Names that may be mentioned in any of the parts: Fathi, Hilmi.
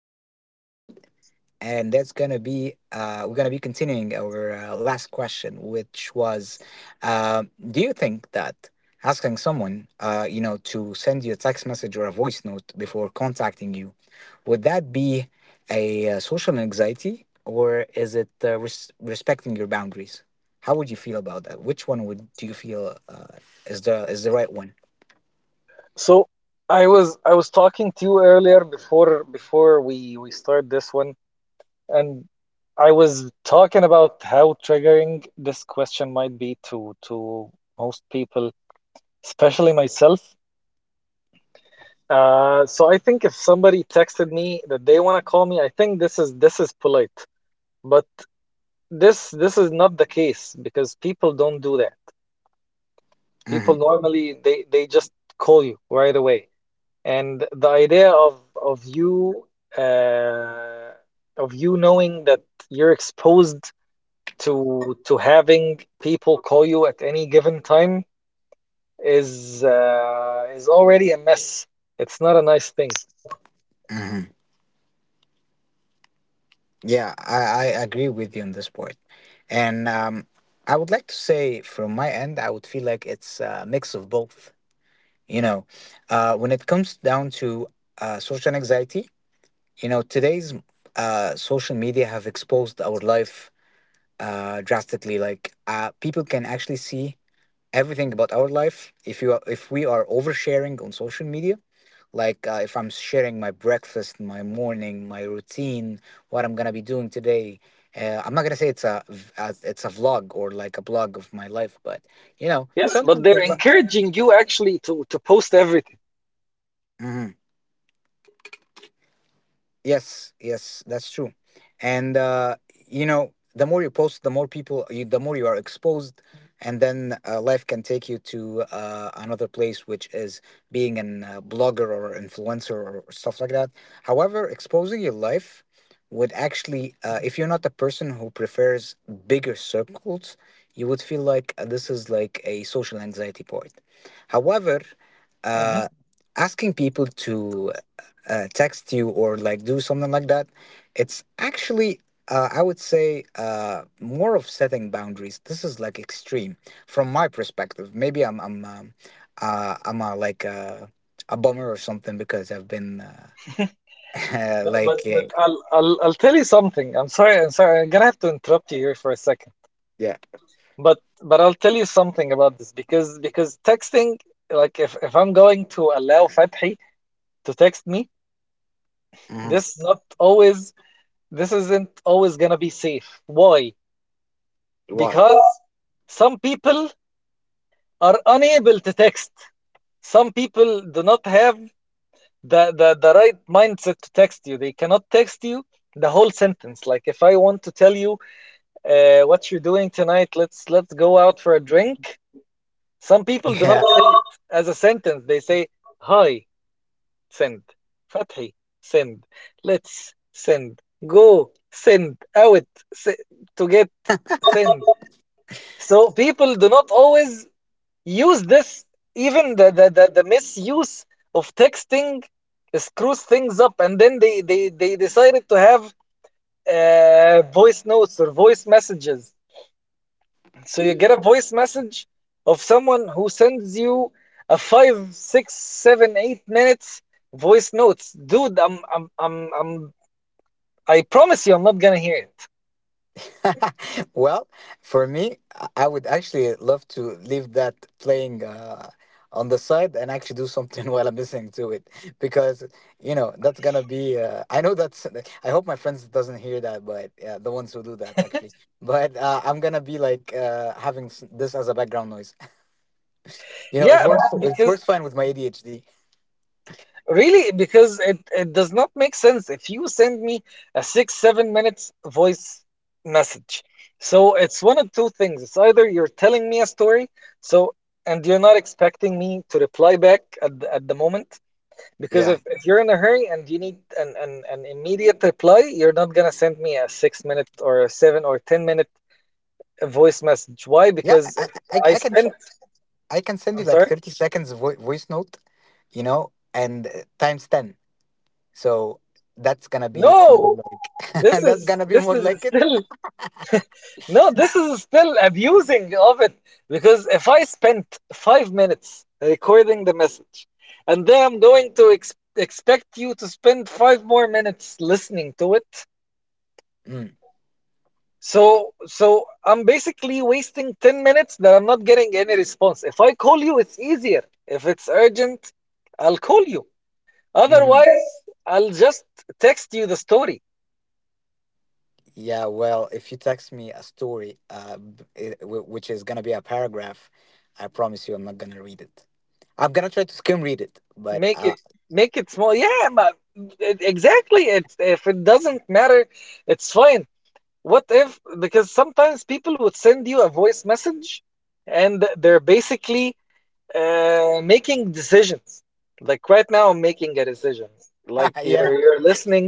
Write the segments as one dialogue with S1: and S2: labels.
S1: second episode, and that's gonna be we're gonna be continuing our last question, which was, uh, do you think that asking someone, to send you a text message or a voice note before contacting you, would that be a social anxiety, or is it respecting your boundaries? How would you feel about that? Which one would do you feel is the right one?
S2: So I was talking to you earlier before we start this one, and I was talking about how triggering this question might be to most people, especially myself. So I think if somebody texted me that they want to call me, I think this is polite, but this is not the case because people don't do that. People
S1: Hmm.
S2: normally they just call you right away. And the idea of you, uh, of you knowing that you're exposed to having people call you at any given time is already a mess. It's not a nice thing.
S1: Hmm. Yeah, I agree with you on this point. And I would like to say from my end, I would feel like it's a mix of both. You know, when it comes down to social anxiety, you know, today's social media have exposed our life drastically. Like people can actually see everything about our life if we are oversharing on social media like if I'm sharing my breakfast, my morning, my routine, what I'm gonna be doing today, I'm not gonna say it's a it's a vlog or like a blog of my life, but you know,
S2: Yes,
S1: some
S2: but
S1: people.
S2: they're
S1: Mm-hmm.
S2: encouraging you actually to post everything.
S1: Yes, yes, that's true. And you know, the more you post, the more the more you are exposed, and then life can take you to another place, which is being an blogger or influencer or stuff like that. However, exposing your life would actually, if you're not a person who prefers bigger circles, you would feel like this is like a social anxiety point. However,
S2: Hmm.
S1: uh, asking people to text you or like do something like that, it's actually I would say more of setting boundaries. This is like extreme from my perspective. Maybe I'm I'm a, like a bummer or something, because I've been
S2: No, but
S1: like yeah,
S2: but I'll tell you something. I'm sorry. I'm sorry. I'm gonna have to interrupt you here for a second.
S1: yeah.
S2: But I'll tell you something about this because texting, like if I'm going to allow Fathi to text me,
S1: Mhm.
S2: this not always this isn't always gonna be safe. Why?
S1: Why?
S2: Because some people are unable to text. Some people do not have the right mindset to text you. They cannot text you the whole sentence. Like if I want to tell you, what you're doing tonight, let's go out for a drink. Some people do not say it as a sentence. They say, Hi, send. Fathi, send. Let's send. Go, send. Out, se- to get, send. So people do not always use this. Even the misuse of texting screws things up. And then they decided to have voice notes or voice messages. So you get a voice message of someone who sends you a five, six, seven, 8 minutes voice notes. Dude, I promise you, I'm not gonna hear it.
S1: Well, for me, I would actually love to leave that playing on the side and actually do something while I'm listening to it because you know that's gonna be. I know that's. I hope my friends doesn't hear that, but the ones who do that actually. But I'm gonna be like having this as a background noise. You know, it
S2: Yeah,
S1: works. It
S2: because
S1: works fine with my ADHD.
S2: really, because it does not make sense if you send me a six, 7 minutes voice message. So it's one of two things. It's either you're telling me a story, so, and you're not expecting me to reply back at the moment. Because
S1: Yeah,
S2: if you're in a hurry and you need an immediate reply, you're not gonna send me a 6 minute or a 7 or 10 minute voice message. Why?
S1: yeah.
S2: Because I
S1: I can.
S2: spent
S1: I can send you
S2: I'm
S1: like
S2: sorry?
S1: 30 seconds voice note. You know, and times 10. So that's gonna be more
S2: No!
S1: like
S2: This
S1: that's
S2: is
S1: gonna be
S2: this
S1: more
S2: is
S1: like it.
S2: still no, this is still abusing of it. Because if I spent 5 minutes recording the message and then I'm going to expect you to spend five more minutes listening to it.
S1: Mm.
S2: So I'm basically wasting 10 minutes that I'm not getting any response. If I call you, it's easier. If it's urgent, I'll call you.
S1: Hmm.
S2: Otherwise, I'll just text you the story.
S1: Yeah, well, if you text me a story, which is gonna be a paragraph, I promise you, I'm not gonna read it. I'm gonna try to skim read it, but
S2: Make it make it small. Yeah, exactly. It's, if it doesn't matter, it's fine. What if, because sometimes people would send you a voice message and they're basically, making decisions. Like right now, I'm making a decision. Like
S1: yeah,
S2: you're listening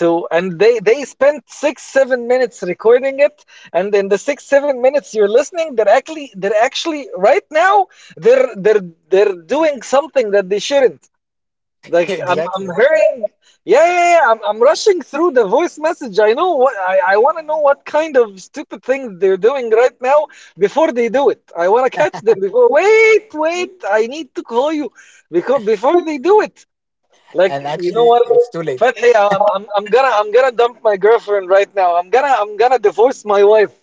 S2: to, and they spent 6, 7 minutes recording it, and in the 6, 7 minutes you're listening, they're actually right now they're they're they're doing something that they shouldn't. Like I'm
S1: exactly.
S2: hearing, yeah, yeah, yeah. I'm rushing through the voice message. I wanna know what kind of stupid things they're doing right now before they do it. I wanna catch them before, wait, wait, I need to call you because before they do it. Like,
S1: And
S2: you know
S1: actually,
S2: what?
S1: it's too late.
S2: Fathi, I'm gonna dump my girlfriend right now. I'm gonna divorce my wife.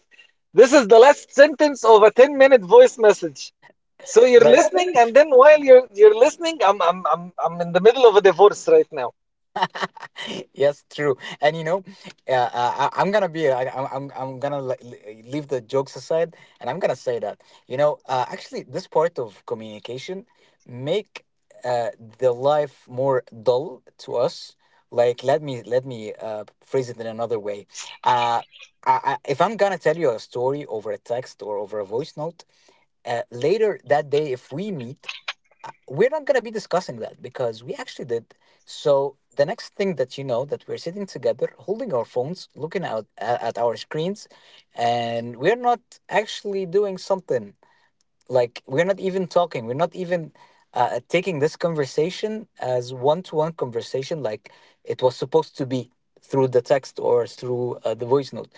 S2: This is the last sentence of a 10-minute voice message. So you're
S1: Like
S2: listening, and then while you're listening, I'm in the middle of a divorce right now.
S1: yes, true. And you know, I'm gonna be. I, I'm gonna leave the jokes aside, and I'm gonna say that, you know, actually, this part of communication make uh, the life more dull to us. Like, let me phrase it in another way. Uh, if I'm gonna tell you a story over a text or over a voice note, later that day, if we meet, we're not going to be discussing that because we actually did. So the next thing that you know, that we're sitting together, holding our phones, looking out at our screens, and we're not actually doing something. Like we're not even talking. We're not even taking this conversation as one-to-one conversation, like it was supposed to be through the text or through the voice note.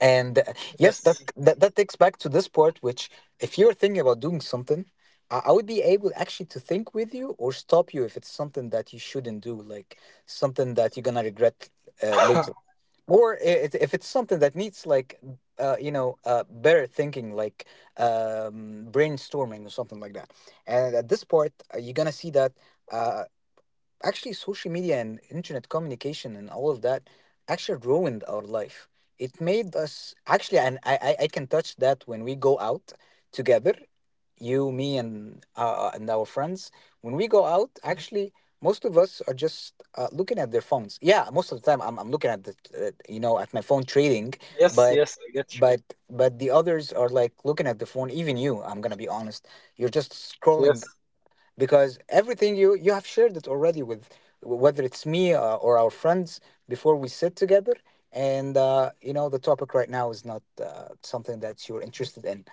S1: And yes, that,
S2: Yes.
S1: that that takes back to this part, which if you're thinking about doing something, I would be able actually to think with you or stop you if it's something that you shouldn't do, like something that you're gonna regret later, or it, if it's something that needs like better thinking, like brainstorming or something like that. And at this part, you're gonna see that. Uh, actually, social media and internet communication and all of that actually ruined our life. It made us actually, and I can touch that when we go out together, you, me and our friends. When we go out actually, most of us are just looking at their phones. Yeah, most of the time I'm looking at the at my phone trading,
S2: Yes,
S1: but
S2: yes, I get you.
S1: but but the others are like looking at the phone. Even you, I'm gonna be honest, you're just scrolling
S2: Yes.
S1: because everything you have shared it already with, whether it's me or our friends, before we sit together. And you know, the topic right now is not something that you're interested in,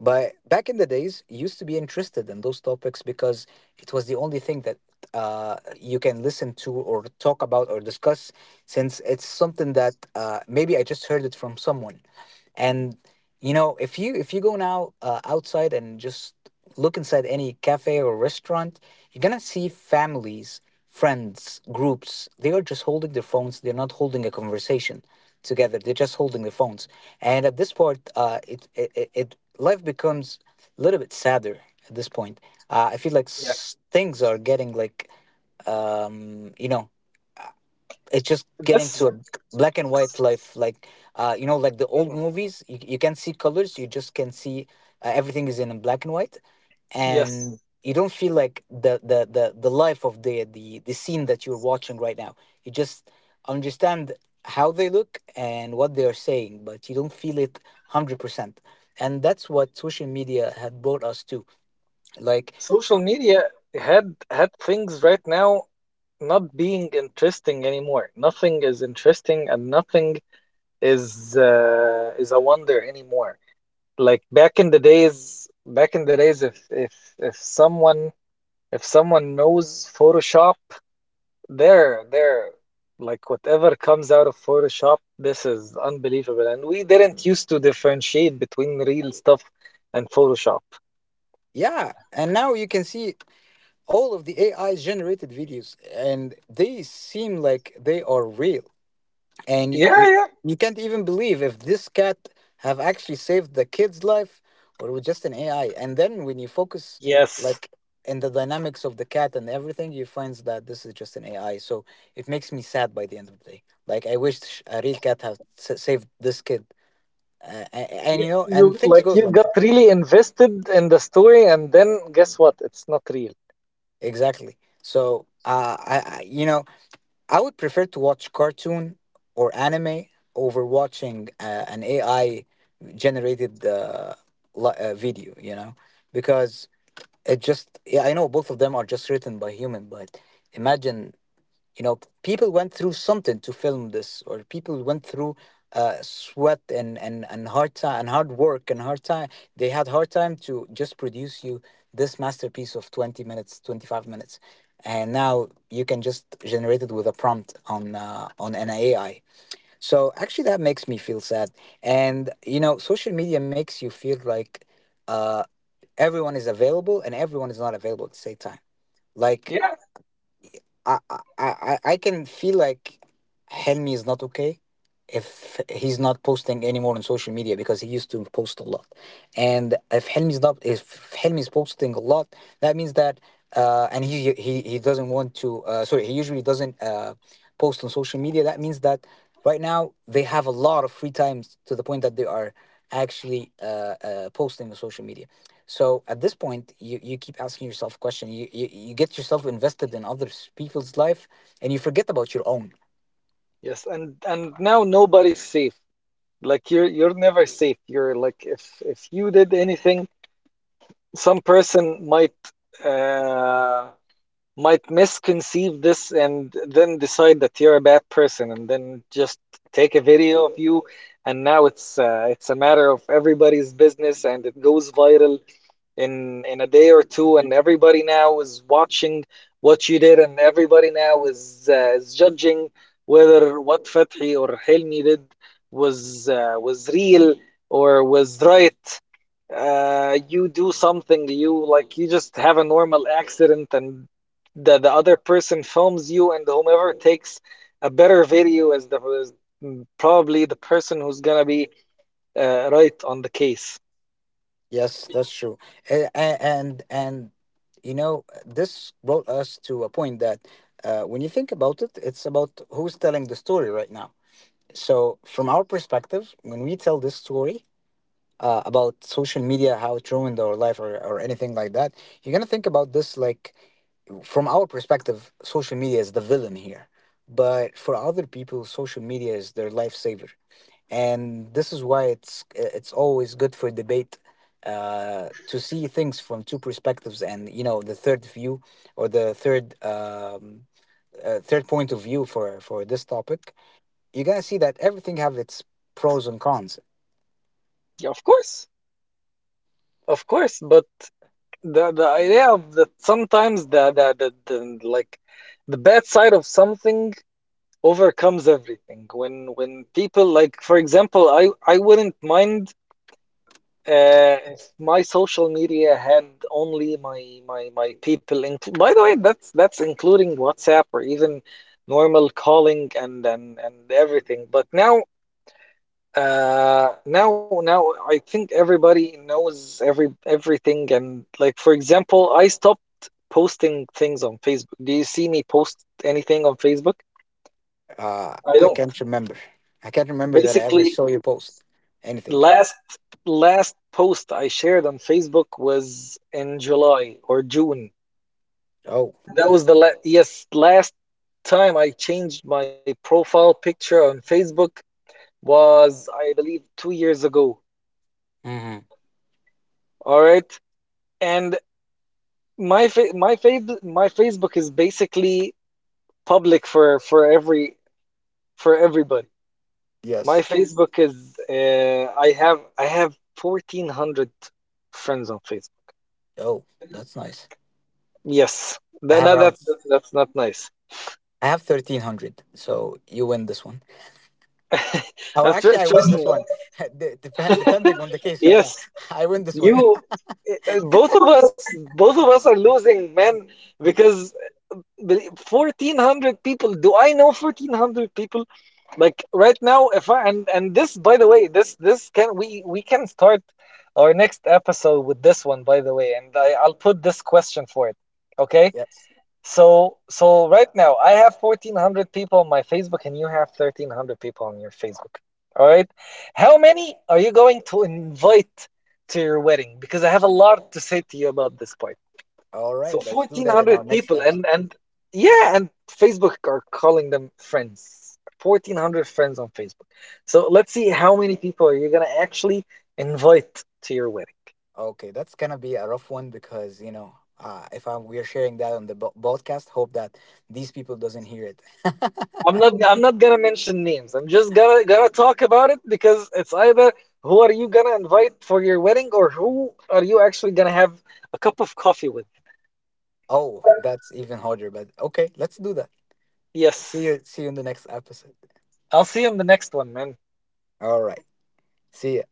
S1: but back in the days, you used to be interested in those topics because it was the only thing that you can listen to or talk about or discuss, since it's something that maybe I just heard it from someone. And you know, if you go now outside and just look inside any cafe or restaurant, you're gonna see families, friends, groups. They are just holding their phones. They're not holding a conversation together. They're just holding their phones. And at this part, life becomes a little bit sadder at this point. I feel like
S2: Yeah.
S1: things are getting like you know, it's just getting to
S2: This
S1: a black and white life, like you know, like the old
S2: mm,
S1: movies. You can't see colors, you just can see everything is in black and white.
S2: yes.
S1: And you don't feel like the life of the scene that you're watching right now. You just understand how they look and what they are saying, but you don't feel it 100%. And that's what social media had brought us to. Like,
S2: Social media had had things right now not being interesting anymore. Nothing is interesting and nothing is is a wonder anymore. Like back in the days, if someone if someone knows Photoshop, they're like whatever comes out of Photoshop, this is unbelievable. And we didn't used to differentiate between real stuff and Photoshop.
S1: yeah. And now you can see all of the AI generated videos, and they seem like they are real. And
S2: Yeah, yeah.
S1: you can't even believe if this cat have actually saved the kid's life or with just an AI. And then when you focus
S2: Yes.
S1: like in the dynamics of the cat and everything, you find that this is just an AI. So it makes me sad by the end of the day. Like I wish a real cat had saved this kid. Uh, a- and you know, and things goes
S2: You
S1: like
S2: got
S1: that.
S2: really invested in the story, and then guess what? It's not real.
S1: Exactly. So you know, I would prefer to watch cartoon or anime over watching an AI generated video, you know, because it just, yeah, I know both of them are just written by human, but imagine, you know, people went through something to film this, or people went through sweat and hard time and hard work and hard time they had hard time to just produce you this masterpiece of 20 minutes, 25 minutes. And now you can just generate it with a prompt on an AI. So actually that makes me feel sad. And you know, social media makes you feel like uh, everyone is available and everyone is not available at the same time. Like
S2: Yeah.
S1: I I can feel like Helmi is not okay if he's not posting anymore on social media because he used to post a lot. And if Helmi's not if Helmi's posting a lot, that means that, and he doesn't want to sorry, he usually doesn't post on social media, that means that right now they have a lot of free times to the point that they are actually posting on social media. So at this point, you keep asking yourself a question. You get yourself invested in other people's life, and you forget about your own.
S2: Yes, and now nobody's safe. Like you're never safe. You're like, if you did anything, some person might, uh might misconceive this, and then decide that you're a bad person, and then just take a video of you, and now it's, it's a matter of everybody's business, and it goes viral in a day or two, and everybody now is watching what you did, and everybody now is, is judging whether what Fathi or Hilmi did was, was real or was right. You do something, you like, you just have a normal accident, and the other person films you, and whomever takes a better video is the is mm, probably the person who's gonna be, right on the case.
S1: Yes, that's true. And you know, this brought us to a point that when you think about it, it's about who's telling the story right now. So, from our perspective, when we tell this story about social media, how it ruined our life, or anything like that, you're gonna think about this like, from our perspective, social media is the villain here. But for other people, social media is their lifesaver. And this is why it's always good for debate to see things from two perspectives, and you know, the third view or the third third point of view for this topic. You're gonna see that everything have its pros and cons.
S2: Yeah, of course, of course, but the idea of that sometimes the, like, the bad side of something overcomes everything when people, like, for example, I wouldn't mind. If my social media had only my people in, by the way, that's including WhatsApp or even normal calling and and everything. But now, now I think everybody knows everything, and, like, for example, I stopped posting things on Facebook. Do you see me post anything on Facebook? I
S1: I
S2: don't.
S1: can't remember. I can't remember that I ever
S2: Basically,
S1: saw you post anything.
S2: last last post I shared on Facebook was in July or June.
S1: Oh.
S2: That was the la yes, last time I changed my profile picture on Facebook was, I believe, 2 years ago.
S1: Hmm.
S2: All right. And my Facebook is basically public for everybody. My
S1: Yes.
S2: Facebook is, I have 1400 friends on Facebook.
S1: Oh, that's nice.
S2: Yes.
S1: I have
S2: No,
S1: around.
S2: that's not nice.
S1: I have 1,300. So you win this one. Or
S2: And tr
S1: actually, I win
S2: trust me.
S1: this one. Depending on the case right now,
S2: Yes,
S1: I win this one.
S2: you. Uh, Both of us, both of us are losing, man, because 1400 people, do I know 1400 people? Like right now, if I and this, by the way, this can we can start our next episode with this one, by the way, and I'll put this question for it, okay?
S1: Yes.
S2: So right now I have 1400 people on my Facebook and you have 1300 people on your Facebook. All right? How many are you going to invite to your wedding? Because I have a lot to say to you about this point.
S1: All
S2: So
S1: right. Let's do that in our
S2: 1400
S1: next
S2: people,
S1: episode.
S2: and yeah, and Facebook are calling them friends. 1400 friends on Facebook. So let's see how many people are you going to actually invite to your wedding.
S1: Okay, that's gonna be a rough one because you know, if I we're sharing that on the podcast, hope that these people doesn't hear it.
S2: I'm not I'm not gonna mention names. I'm just gonna talk about it because it's either who are you gonna invite for your wedding or who are you actually gonna have a cup of coffee with.
S1: Oh, that's even harder. But okay, let's do that.
S2: Yes.
S1: See you. See you in the next episode.
S2: I'll see you in the next one, man.
S1: All right. See ya.